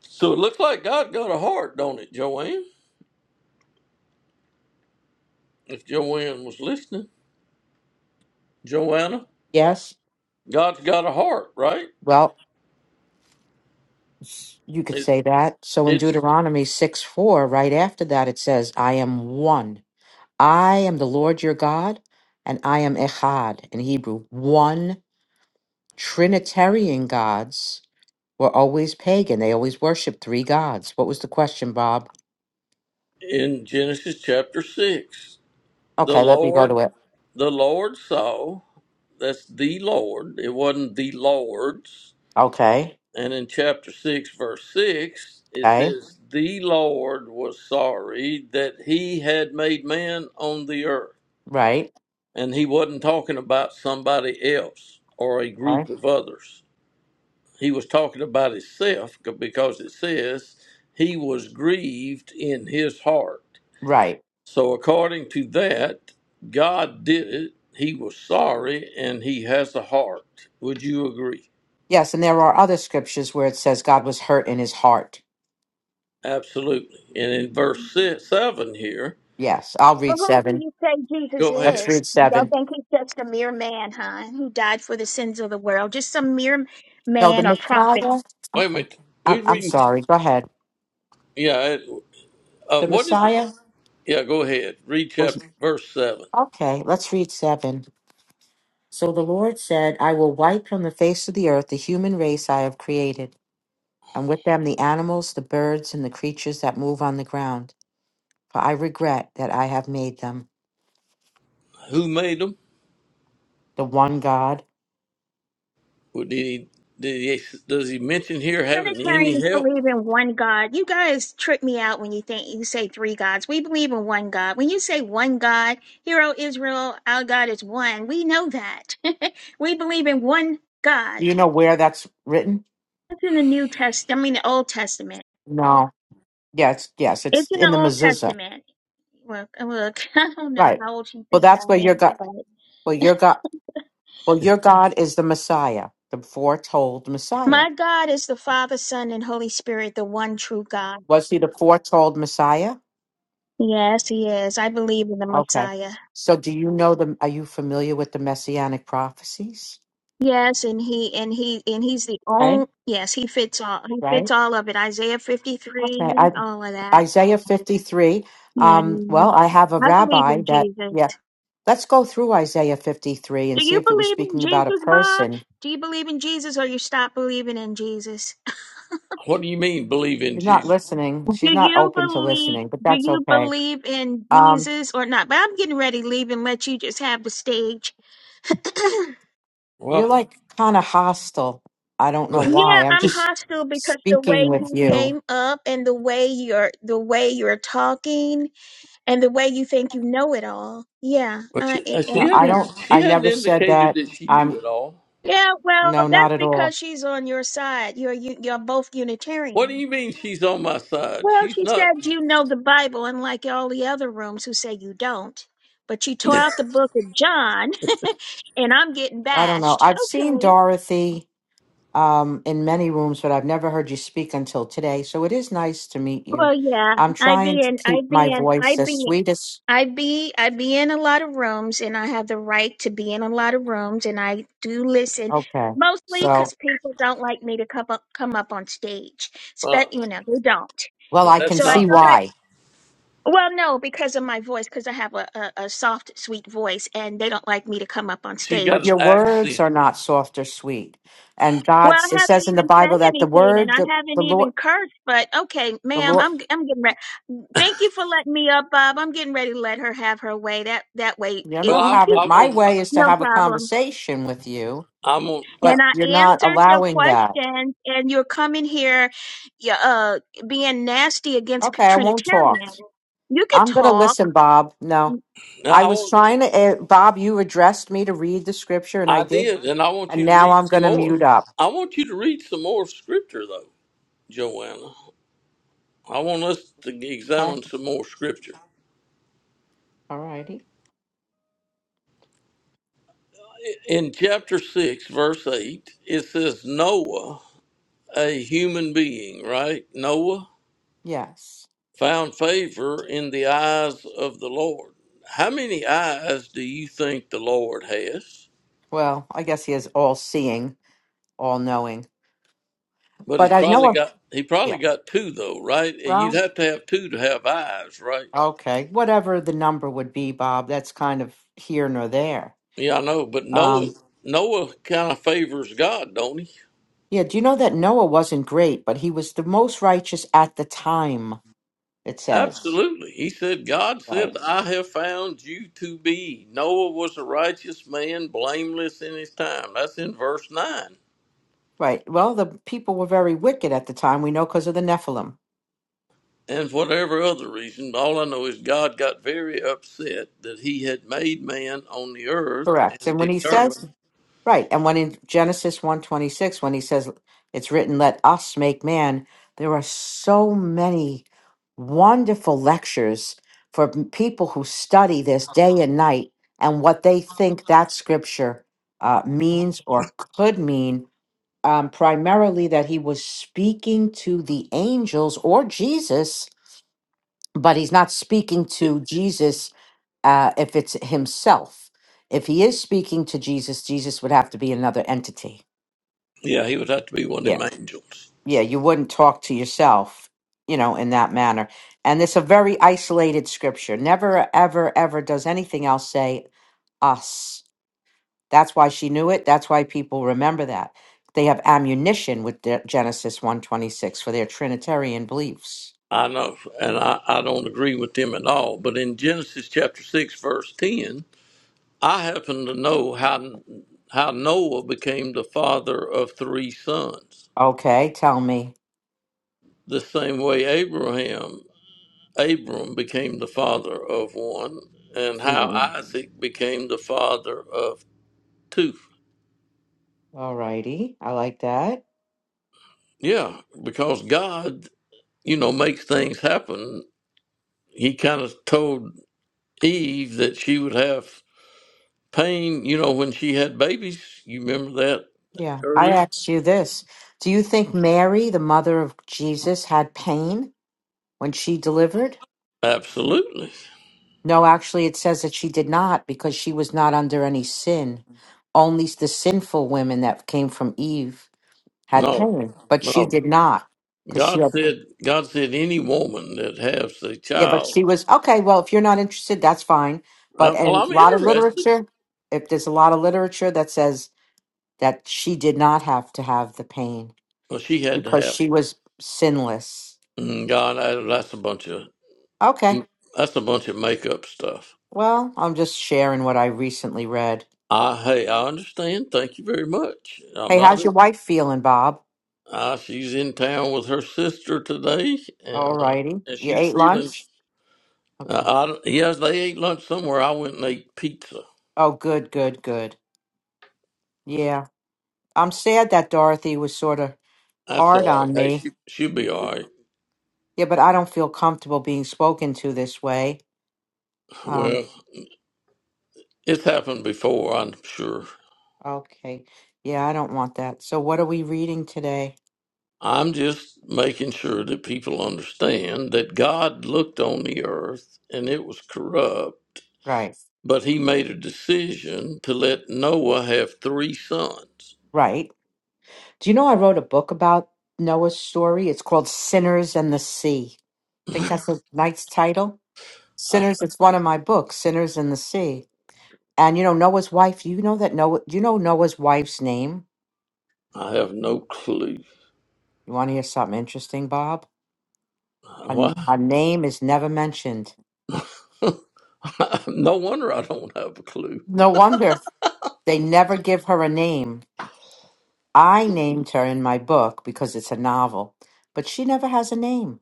[SPEAKER 1] So it looks like God got a heart, don't it, Joanne? If Joanne was listening, Joanna,
[SPEAKER 5] Yes.
[SPEAKER 1] God's got a heart, right?
[SPEAKER 5] Well, s- you could
[SPEAKER 1] It,
[SPEAKER 5] say that. So in
[SPEAKER 1] it's
[SPEAKER 5] Deuteronomy 6 4, right after that, it says, I am one. I am the Lord your God, and I am Echad in Hebrew. One Trinitarian gods were always pagan. They always worshiped three gods. What was the question, Bob?
[SPEAKER 1] in Genesis chapter six. The
[SPEAKER 5] Okay, let me go
[SPEAKER 1] Lord,
[SPEAKER 5] to it.
[SPEAKER 1] the Lord saw. That's the Lord. It wasn't the Lord's.
[SPEAKER 5] Okay,
[SPEAKER 1] And in chapter 6, verse 6, it
[SPEAKER 5] okay,
[SPEAKER 1] says, The Lord was sorry that he had made man on the earth.
[SPEAKER 5] right,
[SPEAKER 1] And he wasn't talking about somebody else or a group
[SPEAKER 5] okay,
[SPEAKER 1] of others. He was talking about himself c- because it says, He was grieved in his heart.
[SPEAKER 5] right.
[SPEAKER 1] So, according to that, God did it. He was sorry and he has a heart. Would you agree?
[SPEAKER 5] Yes, and there are other scriptures where it says God was hurt in his heart.
[SPEAKER 1] Absolutely. And in verse si- 7 here,
[SPEAKER 5] Yes, I'll
[SPEAKER 3] Well,
[SPEAKER 5] read
[SPEAKER 3] who do
[SPEAKER 5] seven.
[SPEAKER 3] you say Jesus
[SPEAKER 1] Go ahead.
[SPEAKER 5] Let's
[SPEAKER 3] is?
[SPEAKER 5] read
[SPEAKER 3] Y'all
[SPEAKER 5] seven.
[SPEAKER 3] think he's just a mere man, huh? Who died for the sins of the world? Just some mere
[SPEAKER 5] No, the
[SPEAKER 3] man or prophet.
[SPEAKER 5] Messiah.
[SPEAKER 1] Wait a
[SPEAKER 5] Okay,
[SPEAKER 1] minute. We
[SPEAKER 5] I'm, I'm
[SPEAKER 1] reading.
[SPEAKER 5] sorry. Go ahead.
[SPEAKER 1] Yeah. Uh,
[SPEAKER 5] The
[SPEAKER 1] what is it?
[SPEAKER 5] Messiah
[SPEAKER 1] Yeah. Go ahead. Read
[SPEAKER 5] was
[SPEAKER 1] chapter verse seven.
[SPEAKER 5] okay. Let's read seven. So the Lord said, I will wipe from the face of the earth the human race I have created, and with them the animals, the birds, and the creatures that move on the ground. For I regret that I have made them
[SPEAKER 1] Who made them?
[SPEAKER 5] the one God.
[SPEAKER 1] Well, did he? Did he? Does he mention here having any
[SPEAKER 3] Trinitarians
[SPEAKER 1] help?
[SPEAKER 3] believe in one God. You guys trip me out when you think you say three gods. We believe in one God. When you say one God, hero Israel, our God is one. We know that. we believe in one God.
[SPEAKER 5] You know where that's written?
[SPEAKER 3] That's in the New Testament. I mean, the Old Testament.
[SPEAKER 5] No. Yes, yes,
[SPEAKER 3] It's
[SPEAKER 5] it's
[SPEAKER 3] in
[SPEAKER 5] in
[SPEAKER 3] the
[SPEAKER 5] the
[SPEAKER 3] Old
[SPEAKER 5] mezuzah.
[SPEAKER 3] Testament. Look, look. I don't know
[SPEAKER 5] Right.
[SPEAKER 3] how old you
[SPEAKER 5] Well,
[SPEAKER 3] think I
[SPEAKER 5] that's where your
[SPEAKER 3] am,
[SPEAKER 5] God.
[SPEAKER 3] but
[SPEAKER 5] Well, your God. Well, your God is the Messiah, the foretold Messiah.
[SPEAKER 3] my God is the Father, Son, and Holy Spirit, the one true God.
[SPEAKER 5] Was he the foretold Messiah?
[SPEAKER 3] Yes, He is. I believe in the
[SPEAKER 5] Okay.
[SPEAKER 3] Messiah.
[SPEAKER 5] So, do you know the? Are you familiar with the messianic prophecies?
[SPEAKER 3] Yes, and he and he and he's the
[SPEAKER 5] Right,
[SPEAKER 3] only yes, he fits all he
[SPEAKER 5] right.
[SPEAKER 3] fits all of it. Isaiah
[SPEAKER 5] Okay. I,
[SPEAKER 3] 53, all of that.
[SPEAKER 5] Isaiah 53. Um, well,
[SPEAKER 3] And
[SPEAKER 5] I have a
[SPEAKER 3] I believe
[SPEAKER 5] rabbi
[SPEAKER 3] in
[SPEAKER 5] that,
[SPEAKER 3] Jesus.
[SPEAKER 5] yeah, let's go through Isaiah 53 and
[SPEAKER 3] Do
[SPEAKER 5] see
[SPEAKER 3] you
[SPEAKER 5] if it was
[SPEAKER 3] believe in
[SPEAKER 5] speaking about a
[SPEAKER 3] Jesus, Bob?
[SPEAKER 5] person.
[SPEAKER 3] Do you believe in Jesus or you stop believing in Jesus?
[SPEAKER 1] What do you mean believe in
[SPEAKER 5] You're not
[SPEAKER 1] Jesus?
[SPEAKER 5] listening.
[SPEAKER 3] Do
[SPEAKER 5] She's not
[SPEAKER 3] you
[SPEAKER 5] open to
[SPEAKER 3] believe
[SPEAKER 5] listening, but
[SPEAKER 3] do
[SPEAKER 5] that's
[SPEAKER 3] you
[SPEAKER 5] okay.
[SPEAKER 3] believe in
[SPEAKER 5] Um,
[SPEAKER 3] Jesus or not? But I'm getting ready to leave and let you just have the stage.
[SPEAKER 5] you're
[SPEAKER 1] Well,
[SPEAKER 5] like kind of hostile. I don't know
[SPEAKER 1] but
[SPEAKER 3] Yeah,
[SPEAKER 5] why. I'm
[SPEAKER 3] I'm
[SPEAKER 5] just
[SPEAKER 3] hostile because the
[SPEAKER 5] speaking
[SPEAKER 3] way
[SPEAKER 5] with
[SPEAKER 3] you
[SPEAKER 5] you.
[SPEAKER 3] came up and the way you're the way you're talking and the way you think you know it all. Yeah, uh,
[SPEAKER 1] she,
[SPEAKER 3] a-
[SPEAKER 1] uh, she
[SPEAKER 5] No,
[SPEAKER 3] and
[SPEAKER 5] I
[SPEAKER 1] hadn't.
[SPEAKER 3] yeah,
[SPEAKER 5] don't,
[SPEAKER 1] She
[SPEAKER 5] I
[SPEAKER 1] hadn't
[SPEAKER 5] never said
[SPEAKER 1] indicated
[SPEAKER 5] that.
[SPEAKER 1] that she knew
[SPEAKER 5] I'm,
[SPEAKER 1] it all.
[SPEAKER 3] yeah. Well,
[SPEAKER 5] no, not
[SPEAKER 3] that's
[SPEAKER 5] at all.
[SPEAKER 3] because she's on your side. You're you, you're both
[SPEAKER 1] What do
[SPEAKER 3] Unitarian.
[SPEAKER 1] you mean she's on my side?
[SPEAKER 3] Well,
[SPEAKER 1] She's
[SPEAKER 3] she
[SPEAKER 1] not.
[SPEAKER 3] said you know the Bible, unlike all the other rooms who say you don't. But you tore out the book of John, and I'm getting
[SPEAKER 5] I don't know.
[SPEAKER 3] bashed.
[SPEAKER 5] I've seen
[SPEAKER 3] Okay.
[SPEAKER 5] Dorothy. um, in many rooms, but I've never heard you speak until today. So it is nice to meet
[SPEAKER 3] Well,
[SPEAKER 5] you.
[SPEAKER 3] yeah,
[SPEAKER 5] I'm
[SPEAKER 3] I
[SPEAKER 5] trying
[SPEAKER 3] be
[SPEAKER 5] to
[SPEAKER 3] in, I
[SPEAKER 5] keep my
[SPEAKER 3] be
[SPEAKER 5] voice as
[SPEAKER 3] in,
[SPEAKER 5] sweet as
[SPEAKER 3] I be I be in a lot of rooms and I have the right to be in a lot of rooms and I do listen
[SPEAKER 5] okay.
[SPEAKER 3] mostly cuz
[SPEAKER 5] So,
[SPEAKER 3] people don't like me to come up come up on stage.
[SPEAKER 1] Uh,
[SPEAKER 3] But you know, they don't.
[SPEAKER 5] well,
[SPEAKER 1] but
[SPEAKER 5] I can
[SPEAKER 1] that's
[SPEAKER 3] So I
[SPEAKER 5] see
[SPEAKER 1] not
[SPEAKER 3] thought
[SPEAKER 1] me.
[SPEAKER 3] I
[SPEAKER 5] why,
[SPEAKER 3] well no because of my voice cuz I have a, a a soft sweet voice and they don't like me to come up on
[SPEAKER 1] She got
[SPEAKER 5] but
[SPEAKER 1] an
[SPEAKER 3] stage.
[SPEAKER 5] your words
[SPEAKER 1] accent.
[SPEAKER 5] are not soft or sweet. And God,
[SPEAKER 3] Well, I
[SPEAKER 5] s- it
[SPEAKER 3] haven't
[SPEAKER 5] says in the
[SPEAKER 3] even said
[SPEAKER 5] Bible that the
[SPEAKER 3] anything and
[SPEAKER 5] word,
[SPEAKER 3] I
[SPEAKER 5] the,
[SPEAKER 3] haven't
[SPEAKER 5] the
[SPEAKER 3] even
[SPEAKER 5] Lord,
[SPEAKER 3] cursed, but okay,
[SPEAKER 5] the
[SPEAKER 3] ma'am,
[SPEAKER 5] Lord,
[SPEAKER 3] I'm I'm getting ready. Thank you for letting me up, Bob. I'm getting ready to let her have her way. That that way
[SPEAKER 5] you're
[SPEAKER 3] it
[SPEAKER 1] Well,
[SPEAKER 5] not
[SPEAKER 3] won't be
[SPEAKER 1] I,
[SPEAKER 5] having
[SPEAKER 1] I
[SPEAKER 5] my
[SPEAKER 1] want.
[SPEAKER 5] way is to
[SPEAKER 3] no
[SPEAKER 5] have a
[SPEAKER 3] problem.
[SPEAKER 5] conversation with you,
[SPEAKER 1] I want. I,
[SPEAKER 3] And
[SPEAKER 5] but
[SPEAKER 3] I
[SPEAKER 5] you're not
[SPEAKER 3] answered your
[SPEAKER 5] allowing that.
[SPEAKER 3] questions, and you're coming here yeah, uh, being nasty against p-
[SPEAKER 5] Okay, I won't talk.
[SPEAKER 3] Trinitarians. You could
[SPEAKER 5] I'm going to
[SPEAKER 3] talk.
[SPEAKER 5] listen, Bob. No,
[SPEAKER 1] now
[SPEAKER 5] I
[SPEAKER 1] I want.
[SPEAKER 5] was trying to, eh, Bob, you addressed me to read the scripture and I
[SPEAKER 1] I
[SPEAKER 5] did.
[SPEAKER 1] did, and I want
[SPEAKER 5] And
[SPEAKER 1] you to
[SPEAKER 5] now
[SPEAKER 1] read
[SPEAKER 5] I'm
[SPEAKER 1] some
[SPEAKER 5] going to
[SPEAKER 1] more.
[SPEAKER 5] mute up.
[SPEAKER 1] I want you to read some more scripture, though, Joanna. I want us to
[SPEAKER 5] Okay.
[SPEAKER 1] examine some more scripture.
[SPEAKER 5] All righty.
[SPEAKER 1] In chapter 6, verse 8, it says, Noah, a human being, right? Noah
[SPEAKER 5] Yes.
[SPEAKER 1] found favor in the eyes of the Lord. How many eyes do you think the Lord has?
[SPEAKER 5] Well, I guess he is all seeing, all knowing.
[SPEAKER 1] But he's
[SPEAKER 5] But I know,
[SPEAKER 1] probably
[SPEAKER 5] I'm-
[SPEAKER 1] got he probably
[SPEAKER 5] yeah.
[SPEAKER 1] got two though, right? And you'd
[SPEAKER 5] Well,
[SPEAKER 1] have to have two to have eyes, right?
[SPEAKER 5] okay. Whatever the number would be, Bob, that's kind of here nor there.
[SPEAKER 1] Yeah, I know, but Noah
[SPEAKER 5] Um,
[SPEAKER 1] Noah kind of favors God, don't he?
[SPEAKER 5] yeah. Do you know that Noah wasn't great, but he was the most righteous at the time, it says.
[SPEAKER 1] Absolutely. He said, God
[SPEAKER 5] Right.
[SPEAKER 1] said, I have found you to be. Noah was a righteous man, blameless in his time. That's in verse 9.
[SPEAKER 5] Right. Well, the people were very wicked at the time. We know because of the Nephilim.
[SPEAKER 1] And for whatever other reason, all I know is God got very upset that he had made man on the earth
[SPEAKER 5] Correct.
[SPEAKER 1] and
[SPEAKER 5] And when he says
[SPEAKER 1] determined
[SPEAKER 5] right, and when in Genesis one twenty six, when he says it's written, "Let us make man," there are so many wonderful lectures for m- people who study this day and night and what they think that scripture uh, means or could mean. Um, primarily, that he was speaking to the angels or Jesus, but he's not speaking
[SPEAKER 1] it.
[SPEAKER 5] to Jesus uh, if it's himself. If he is speaking to Jesus, Jesus would have to be another entity.
[SPEAKER 1] Yeah, he would have to be one
[SPEAKER 5] Yeah.
[SPEAKER 1] of them angels.
[SPEAKER 5] Yeah. You wouldn't talk to yourself, you know, in that manner. And it's a very isolated scripture. Never, ever, ever does anything else say us. That's why she knew it. That's why people remember that. They have ammunition with their Genesis 126 for their Trinitarian beliefs.
[SPEAKER 1] I know, and I, I don't agree with them at all. But in Genesis chapter 6, verse 10, I happen to know how how Noah became the father of three sons.
[SPEAKER 5] Okay, tell me.
[SPEAKER 1] The same way Abraham Abram became the father of one, and how
[SPEAKER 5] All
[SPEAKER 1] Isaac became the father of two.
[SPEAKER 5] righty. I like that.
[SPEAKER 1] Yeah, because God, you know, makes things happen. He kind of told Eve that she would have pain, you know, when she had babies. You remember that
[SPEAKER 5] Yeah. I
[SPEAKER 1] earlier?
[SPEAKER 5] asked you this. Do you think Mary, the mother of Jesus, had pain when she delivered?
[SPEAKER 1] Absolutely.
[SPEAKER 5] No, actually, it says that she did not because she was not under any sin. Only the sinful women that came from Eve had
[SPEAKER 1] No,
[SPEAKER 5] pain, but she
[SPEAKER 1] no.
[SPEAKER 5] did not because she
[SPEAKER 1] God
[SPEAKER 5] had.
[SPEAKER 1] said, God said, any woman that has a
[SPEAKER 5] Yeah, but
[SPEAKER 1] child,
[SPEAKER 5] she was okay. Well, if you're not interested, that's fine.
[SPEAKER 1] I,
[SPEAKER 5] But
[SPEAKER 1] well,
[SPEAKER 5] and a
[SPEAKER 1] I'm
[SPEAKER 5] lot of
[SPEAKER 1] interested.
[SPEAKER 5] literature, if there's a lot of literature that says that she did not have to have the pain
[SPEAKER 1] Well, she had to
[SPEAKER 5] because
[SPEAKER 1] have.
[SPEAKER 5] she was sinless.
[SPEAKER 1] Mm, God, I, that's a bunch of mm,
[SPEAKER 5] Okay.
[SPEAKER 1] that's a bunch of makeup stuff.
[SPEAKER 5] Well, I'm just sharing what I recently read.
[SPEAKER 1] I hey, I understand. Thank you very much. I'm
[SPEAKER 5] Hey,
[SPEAKER 1] not.
[SPEAKER 5] how's your wife feeling, Bob?
[SPEAKER 1] Uh, she's in town with her sister today,
[SPEAKER 5] All
[SPEAKER 1] and uh,
[SPEAKER 5] righty.
[SPEAKER 1] and
[SPEAKER 5] You
[SPEAKER 1] she's
[SPEAKER 5] ate
[SPEAKER 1] feeling.
[SPEAKER 5] lunch?
[SPEAKER 1] Uh,
[SPEAKER 5] Okay.
[SPEAKER 1] I don't- yes, they ate lunch somewhere. I went and ate pizza.
[SPEAKER 5] Oh, good, good, good. Yeah. I'm sad that Dorothy was sort of
[SPEAKER 1] That's
[SPEAKER 5] hard
[SPEAKER 1] all right.
[SPEAKER 5] on
[SPEAKER 1] Hey,
[SPEAKER 5] me.
[SPEAKER 1] she she'll be all right.
[SPEAKER 5] Yeah, but I don't feel comfortable being spoken to this way. Um,
[SPEAKER 1] Well, it's happened before, I'm sure.
[SPEAKER 5] okay. Yeah, I don't want that. So what are we reading today?
[SPEAKER 1] I'm just making sure that people understand that God looked on the earth and it was corrupt,
[SPEAKER 5] Right.
[SPEAKER 1] but he made a decision to let Noah have three sons.
[SPEAKER 5] Right. Do you know I wrote a book about Noah's story? It's called Sinners and the Sea. Think
[SPEAKER 1] I,
[SPEAKER 5] that's a nice title? Sinners, it's one of my books, Sinners in the Sea. And you know, Noah's wife, you know that Noah, you know Noah's wife's name?
[SPEAKER 1] I have no clue.
[SPEAKER 5] You want to hear something interesting, Bob? Her,
[SPEAKER 1] Why?
[SPEAKER 5] her name is never mentioned.
[SPEAKER 1] no wonder I don't have a clue.
[SPEAKER 5] No wonder they never give her a name. I named her in my book because it's a novel, but she never has a name.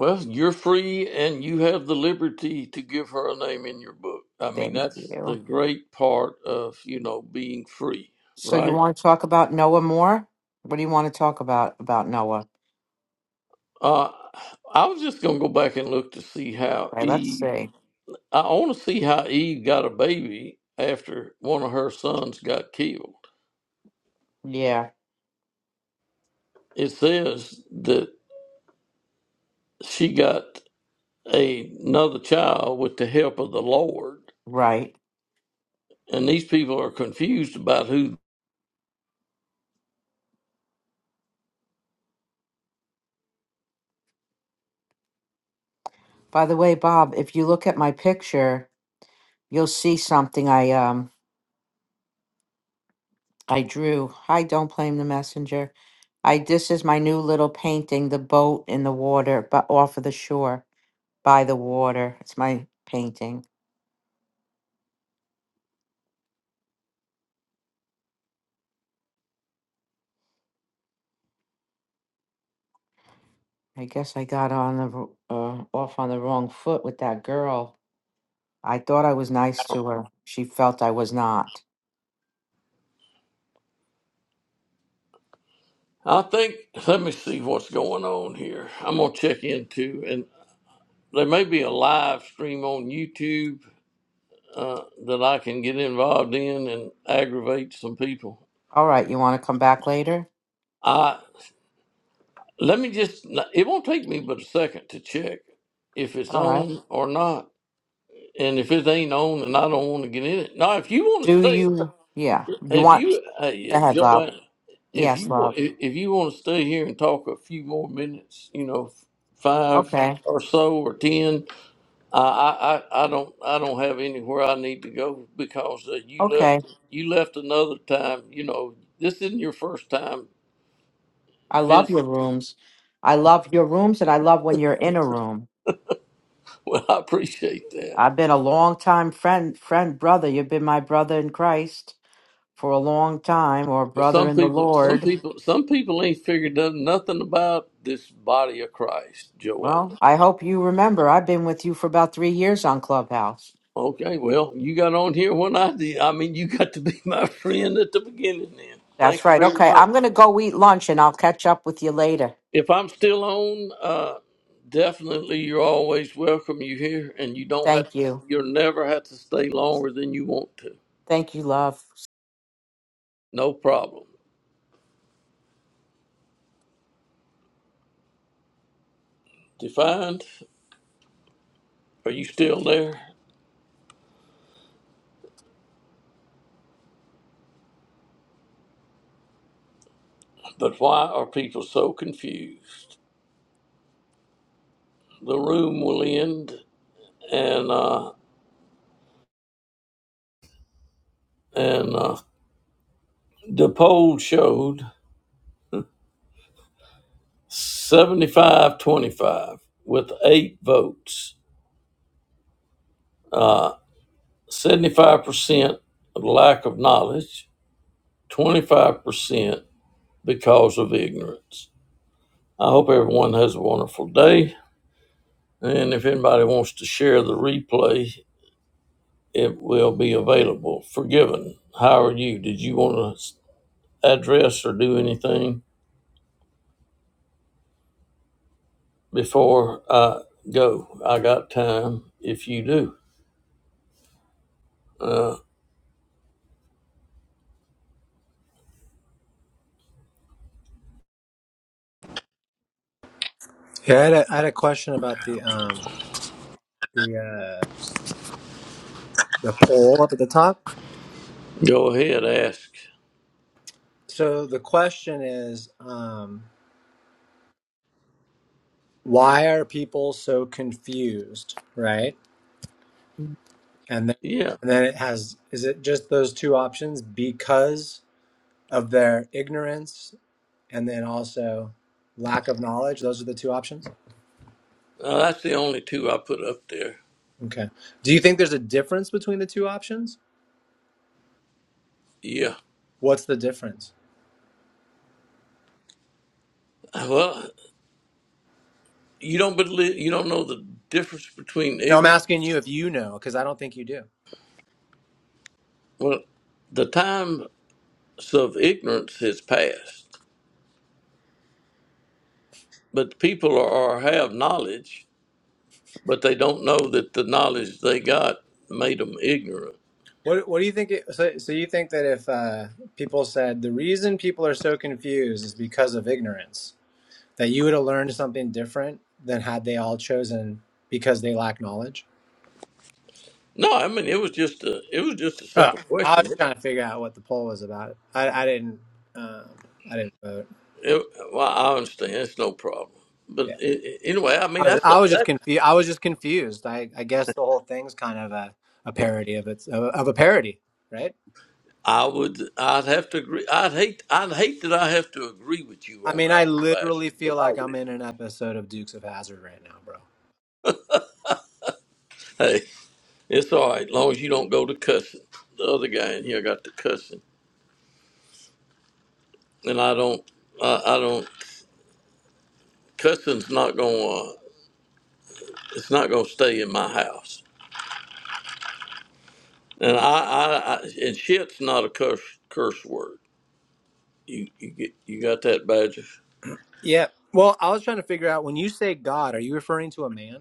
[SPEAKER 1] Well, you're free and you have the liberty to give her a name in your book. I mean,
[SPEAKER 5] Thank
[SPEAKER 1] that's the
[SPEAKER 5] you.
[SPEAKER 1] great part of, you know, being free,
[SPEAKER 5] So you
[SPEAKER 1] right?
[SPEAKER 5] want to talk about Noah more? What do you want to talk about about Noah?
[SPEAKER 1] Uh, I was just gonna go back and look to see how
[SPEAKER 5] Right, let's
[SPEAKER 1] Eve.
[SPEAKER 5] see.
[SPEAKER 1] I want to see how Eve got a baby after one of her sons got killed.
[SPEAKER 5] Yeah,
[SPEAKER 1] It says that she got a, another child with the help of the Lord,
[SPEAKER 5] right.
[SPEAKER 1] and these people are confused about who.
[SPEAKER 5] By the way, Bob, if you look at my picture, you'll see something I um I drew. I don't blame the messenger. I this is my new little painting, the boat in the water, but off of the shore by the water. It's my painting. I guess I got on the wr- uh, off on the wrong foot with that girl. I thought I was nice to her. She felt I was not.
[SPEAKER 1] I think. Let me see what's going on here. I'm gonna check into, and there may be a live stream on YouTube uh, that I can get involved in and aggravate some people.
[SPEAKER 5] All right, you want to come back later?
[SPEAKER 1] Let me just, it won't take me but a second to check if it's
[SPEAKER 5] All right.
[SPEAKER 1] on or not. And if it ain't on and I don't want to get in it. Now, if you want to
[SPEAKER 5] Do
[SPEAKER 1] stay,
[SPEAKER 5] you? Yeah. You
[SPEAKER 1] if
[SPEAKER 5] want?
[SPEAKER 1] you,
[SPEAKER 5] Go
[SPEAKER 1] hey,
[SPEAKER 5] ahead, love.
[SPEAKER 1] Joanne, if
[SPEAKER 5] Yes,
[SPEAKER 1] you, wa-
[SPEAKER 5] love.
[SPEAKER 1] if if you want to stay here and talk a few more minutes, you know, five
[SPEAKER 5] Okay.
[SPEAKER 1] or so or 10, I, I, I I don't, I don't have anywhere I need to go because uh, you
[SPEAKER 5] Okay.
[SPEAKER 1] left, you left another time, you know, this isn't your first time
[SPEAKER 5] I love
[SPEAKER 1] visiting.
[SPEAKER 5] your rooms. I love your rooms and I love when you're in a room.
[SPEAKER 1] Well, I appreciate that.
[SPEAKER 5] I've been a long time friend friend brother. You've been my brother in Christ for a long time or
[SPEAKER 1] But
[SPEAKER 5] brother
[SPEAKER 1] some
[SPEAKER 5] in the
[SPEAKER 1] people, some
[SPEAKER 5] Lord.
[SPEAKER 1] people, some people ain't figured out nothing about this body of Christ,
[SPEAKER 5] Well,
[SPEAKER 1] Joanna.
[SPEAKER 5] I hope you remember I've been with you for about 3 years on Clubhouse.
[SPEAKER 1] Okay, well, you got on here when I did. I mean, you got to be my friend at the beginning. Then,
[SPEAKER 5] That's
[SPEAKER 1] thank you
[SPEAKER 5] right.
[SPEAKER 1] very
[SPEAKER 5] Okay,
[SPEAKER 1] much.
[SPEAKER 5] I'm going to go eat lunch and I'll catch up with you later.
[SPEAKER 1] If I'm still on, uh, definitely you're always welcome. You here, and you don't have
[SPEAKER 5] Thank
[SPEAKER 1] to.
[SPEAKER 5] you.
[SPEAKER 1] You'll never have to stay longer than you want to.
[SPEAKER 5] Thank you, love.
[SPEAKER 1] No problem. Defined. Are you still there? But why are people so confused? The room will end and uh, and uh, the poll showed seventy five twenty five with eight votes. Uh, 75% of lack of knowledge, 25% because of ignorance. I hope everyone has a wonderful day. And if anybody wants to share the replay, it will be available. Forgiven. How are you? Did you want to address or do anything? before I go. I got time if you do. Uh,
[SPEAKER 6] Yeah, I had a, I had a question about the um the uh the poll up at the top.
[SPEAKER 1] go ahead, ask.
[SPEAKER 6] So the question is, um, why are people so confused, right? And then,
[SPEAKER 1] Yeah,
[SPEAKER 6] and then it has is it just those two options because of their ignorance and then also lack of knowledge? Those are the two options.
[SPEAKER 1] uh, that's the only two I put up there.
[SPEAKER 6] Okay. Do you think there's a difference between the two options?
[SPEAKER 1] Yeah.
[SPEAKER 6] What's the difference?
[SPEAKER 1] Well, you don't believe you don't know the difference between
[SPEAKER 6] No, I'm
[SPEAKER 1] ignorance.
[SPEAKER 6] asking you if you know because I don't think you do.
[SPEAKER 1] Well, the times of ignorance has passed, but people are have knowledge, but they don't know that the knowledge they got made them ignorant.
[SPEAKER 6] What What do you think? It, so, so you think that if uh, people said the reason people are so confused is because of ignorance, that you would have learned something different than had they all chosen because they lack knowledge?
[SPEAKER 1] No, I mean it was just a it was just a
[SPEAKER 6] Uh,
[SPEAKER 1] simple
[SPEAKER 6] I
[SPEAKER 1] question.
[SPEAKER 6] was trying to figure out what the poll was about. I, I didn't. Um, I didn't vote.
[SPEAKER 1] It, well, I understand. It's no problem. But
[SPEAKER 6] Yeah,
[SPEAKER 1] a- a- anyway, I
[SPEAKER 6] I
[SPEAKER 1] mean,
[SPEAKER 6] was,
[SPEAKER 1] that's
[SPEAKER 6] I
[SPEAKER 1] a,
[SPEAKER 6] was just
[SPEAKER 1] that
[SPEAKER 6] confused. I was just confused. I, I guess the whole thing's kind of a, a parody of its of, of a parody, right?
[SPEAKER 1] I would. I'd have to agree. I'd hate. I'd hate that I have to agree with you
[SPEAKER 6] I
[SPEAKER 1] on
[SPEAKER 6] mean, I
[SPEAKER 1] that one, Badger.
[SPEAKER 6] literally
[SPEAKER 1] But
[SPEAKER 6] feel like I'm in an episode of Dukes of Hazard right now, bro.
[SPEAKER 1] hey, it's all right. long as you don't go to cussing. The other guy in here got to cussing, and I don't. I, I don't. Cussing's not gonna. It's not gonna stay in my house. And I. I, I and shit's not a curse curse word. You you get you got that, Badger.
[SPEAKER 6] Yeah. Well, I was trying to figure out when you say God, are you referring to a man?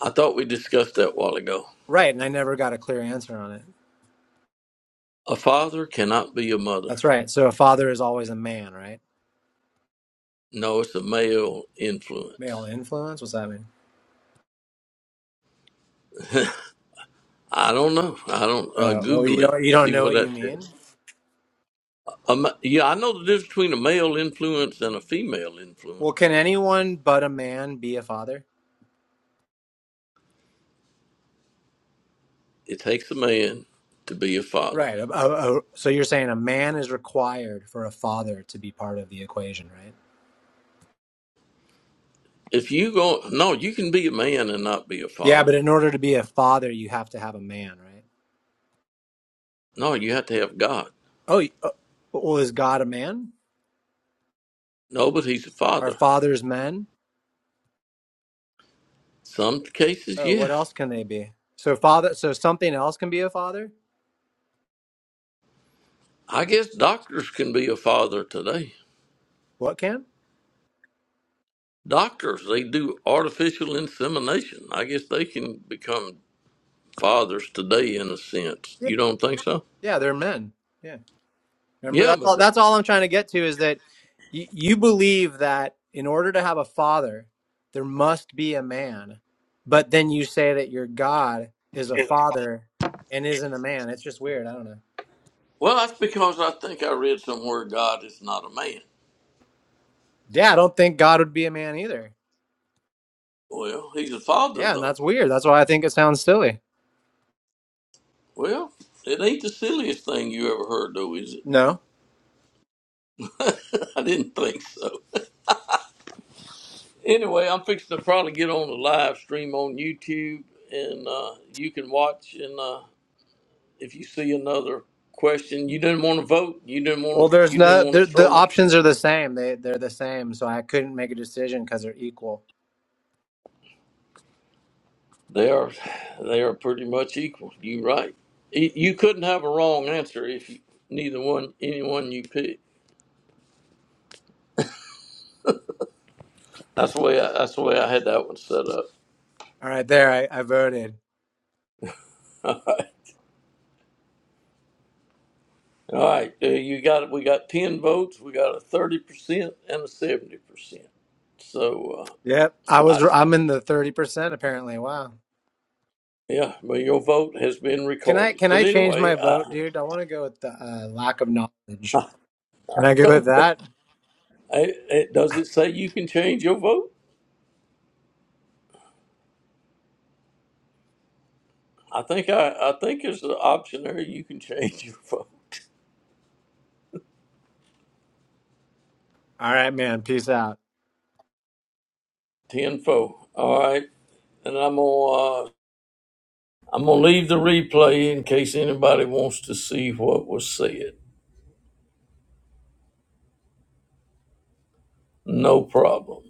[SPEAKER 1] I thought we discussed that a while ago.
[SPEAKER 6] Right. And I never got a clear answer on it.
[SPEAKER 1] A father cannot be a mother.
[SPEAKER 6] That's right. So a father is always a man, right?
[SPEAKER 1] No, it's a male
[SPEAKER 6] Male
[SPEAKER 1] influence.
[SPEAKER 6] influence? What's that mean?
[SPEAKER 1] I don't know. I don't uh,
[SPEAKER 6] Uh, well, you
[SPEAKER 1] Google it.
[SPEAKER 6] don't you don't
[SPEAKER 1] See
[SPEAKER 6] know
[SPEAKER 1] what
[SPEAKER 6] what
[SPEAKER 1] that
[SPEAKER 6] you
[SPEAKER 1] says.
[SPEAKER 6] mean.
[SPEAKER 1] Um, yeah, I know the difference between a male influence and a female
[SPEAKER 6] Well,
[SPEAKER 1] influence.
[SPEAKER 6] can anyone but a man be a father?
[SPEAKER 1] It takes a man to be a father.
[SPEAKER 6] Right. A, a, a, so you're saying a man is required for a father to be part of the equation, right?
[SPEAKER 1] If you go, no, you can be a man and not be a
[SPEAKER 6] Yeah,
[SPEAKER 1] father.
[SPEAKER 6] but in order to be a father, you have to have a man, right?
[SPEAKER 1] No, you have to have God.
[SPEAKER 6] Oh, y- uh, well, is God a man?
[SPEAKER 1] No, but he's a
[SPEAKER 6] Are
[SPEAKER 1] father.
[SPEAKER 6] fathers men?
[SPEAKER 1] Some cases,
[SPEAKER 6] Oh,
[SPEAKER 1] yeah.
[SPEAKER 6] what else can they be? So father, so something else can be a father?
[SPEAKER 1] I guess doctors can be a father today.
[SPEAKER 6] What can?
[SPEAKER 1] Doctors, they do artificial insemination. I guess they can become fathers today, in a sense.
[SPEAKER 6] Yeah.
[SPEAKER 1] You don't think so?
[SPEAKER 6] Yeah, they're men. Yeah. Remember
[SPEAKER 1] Yeah,
[SPEAKER 6] that's
[SPEAKER 1] but
[SPEAKER 6] all that's all I'm trying to get to is that y- you believe that in order to have a father, there must be a man. But then you say that your God is a father and isn't a man. It's just weird. I don't know.
[SPEAKER 1] well, that's because I think I read somewhere God is not a man.
[SPEAKER 6] Yeah, I don't think God would be a man either.
[SPEAKER 1] Well, he's a father
[SPEAKER 6] Yeah, and
[SPEAKER 1] though.
[SPEAKER 6] that's weird. That's why I think it sounds silly.
[SPEAKER 1] Well, it ain't the silliest thing you ever heard though, is it?
[SPEAKER 6] No.
[SPEAKER 1] I didn't think so. Anyway, I'm fixing to probably get on a live stream on YouTube, and uh, you can watch. And uh, if you see another question you didn't want to vote, you didn't want
[SPEAKER 6] Well,
[SPEAKER 1] to,
[SPEAKER 6] there's
[SPEAKER 1] you didn't
[SPEAKER 6] no
[SPEAKER 1] want
[SPEAKER 6] the
[SPEAKER 1] to
[SPEAKER 6] the
[SPEAKER 1] throw.
[SPEAKER 6] options are the same. They they're the same, so I couldn't make a decision because they're equal.
[SPEAKER 1] They are, they are pretty much equal. You right. Y- You couldn't have a wrong answer if you, neither one, any one you pick. That's the way. I, that's the way I had that one set up.
[SPEAKER 6] All right, there I, I voted.
[SPEAKER 1] All right, uh, you got we got ten votes. We got a thirty percent and a seventy percent. So
[SPEAKER 6] Yep, I
[SPEAKER 1] uh, I,
[SPEAKER 6] was
[SPEAKER 1] s-
[SPEAKER 6] I'm in the thirty percent apparently. Wow.
[SPEAKER 1] yeah, but your vote has been
[SPEAKER 6] Can I
[SPEAKER 1] recorded.
[SPEAKER 6] can
[SPEAKER 1] But
[SPEAKER 6] I change my
[SPEAKER 1] anyway, I,
[SPEAKER 6] vote, dude? I want to go with the uh, lack of knowledge.
[SPEAKER 1] I
[SPEAKER 6] Can I go with
[SPEAKER 1] don't know.
[SPEAKER 6] that?
[SPEAKER 1] I- it- does it say you can change your vote? I think I, I think there's an option there you can change your vote.
[SPEAKER 6] All right, man. Peace out.
[SPEAKER 1] Ten four. All right. and I'm gonna uh, I'm gonna leave the replay in case anybody wants to see what was said. No problem.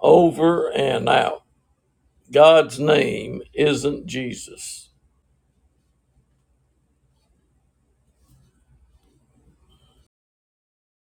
[SPEAKER 1] Over and out. God's name isn't Jesus.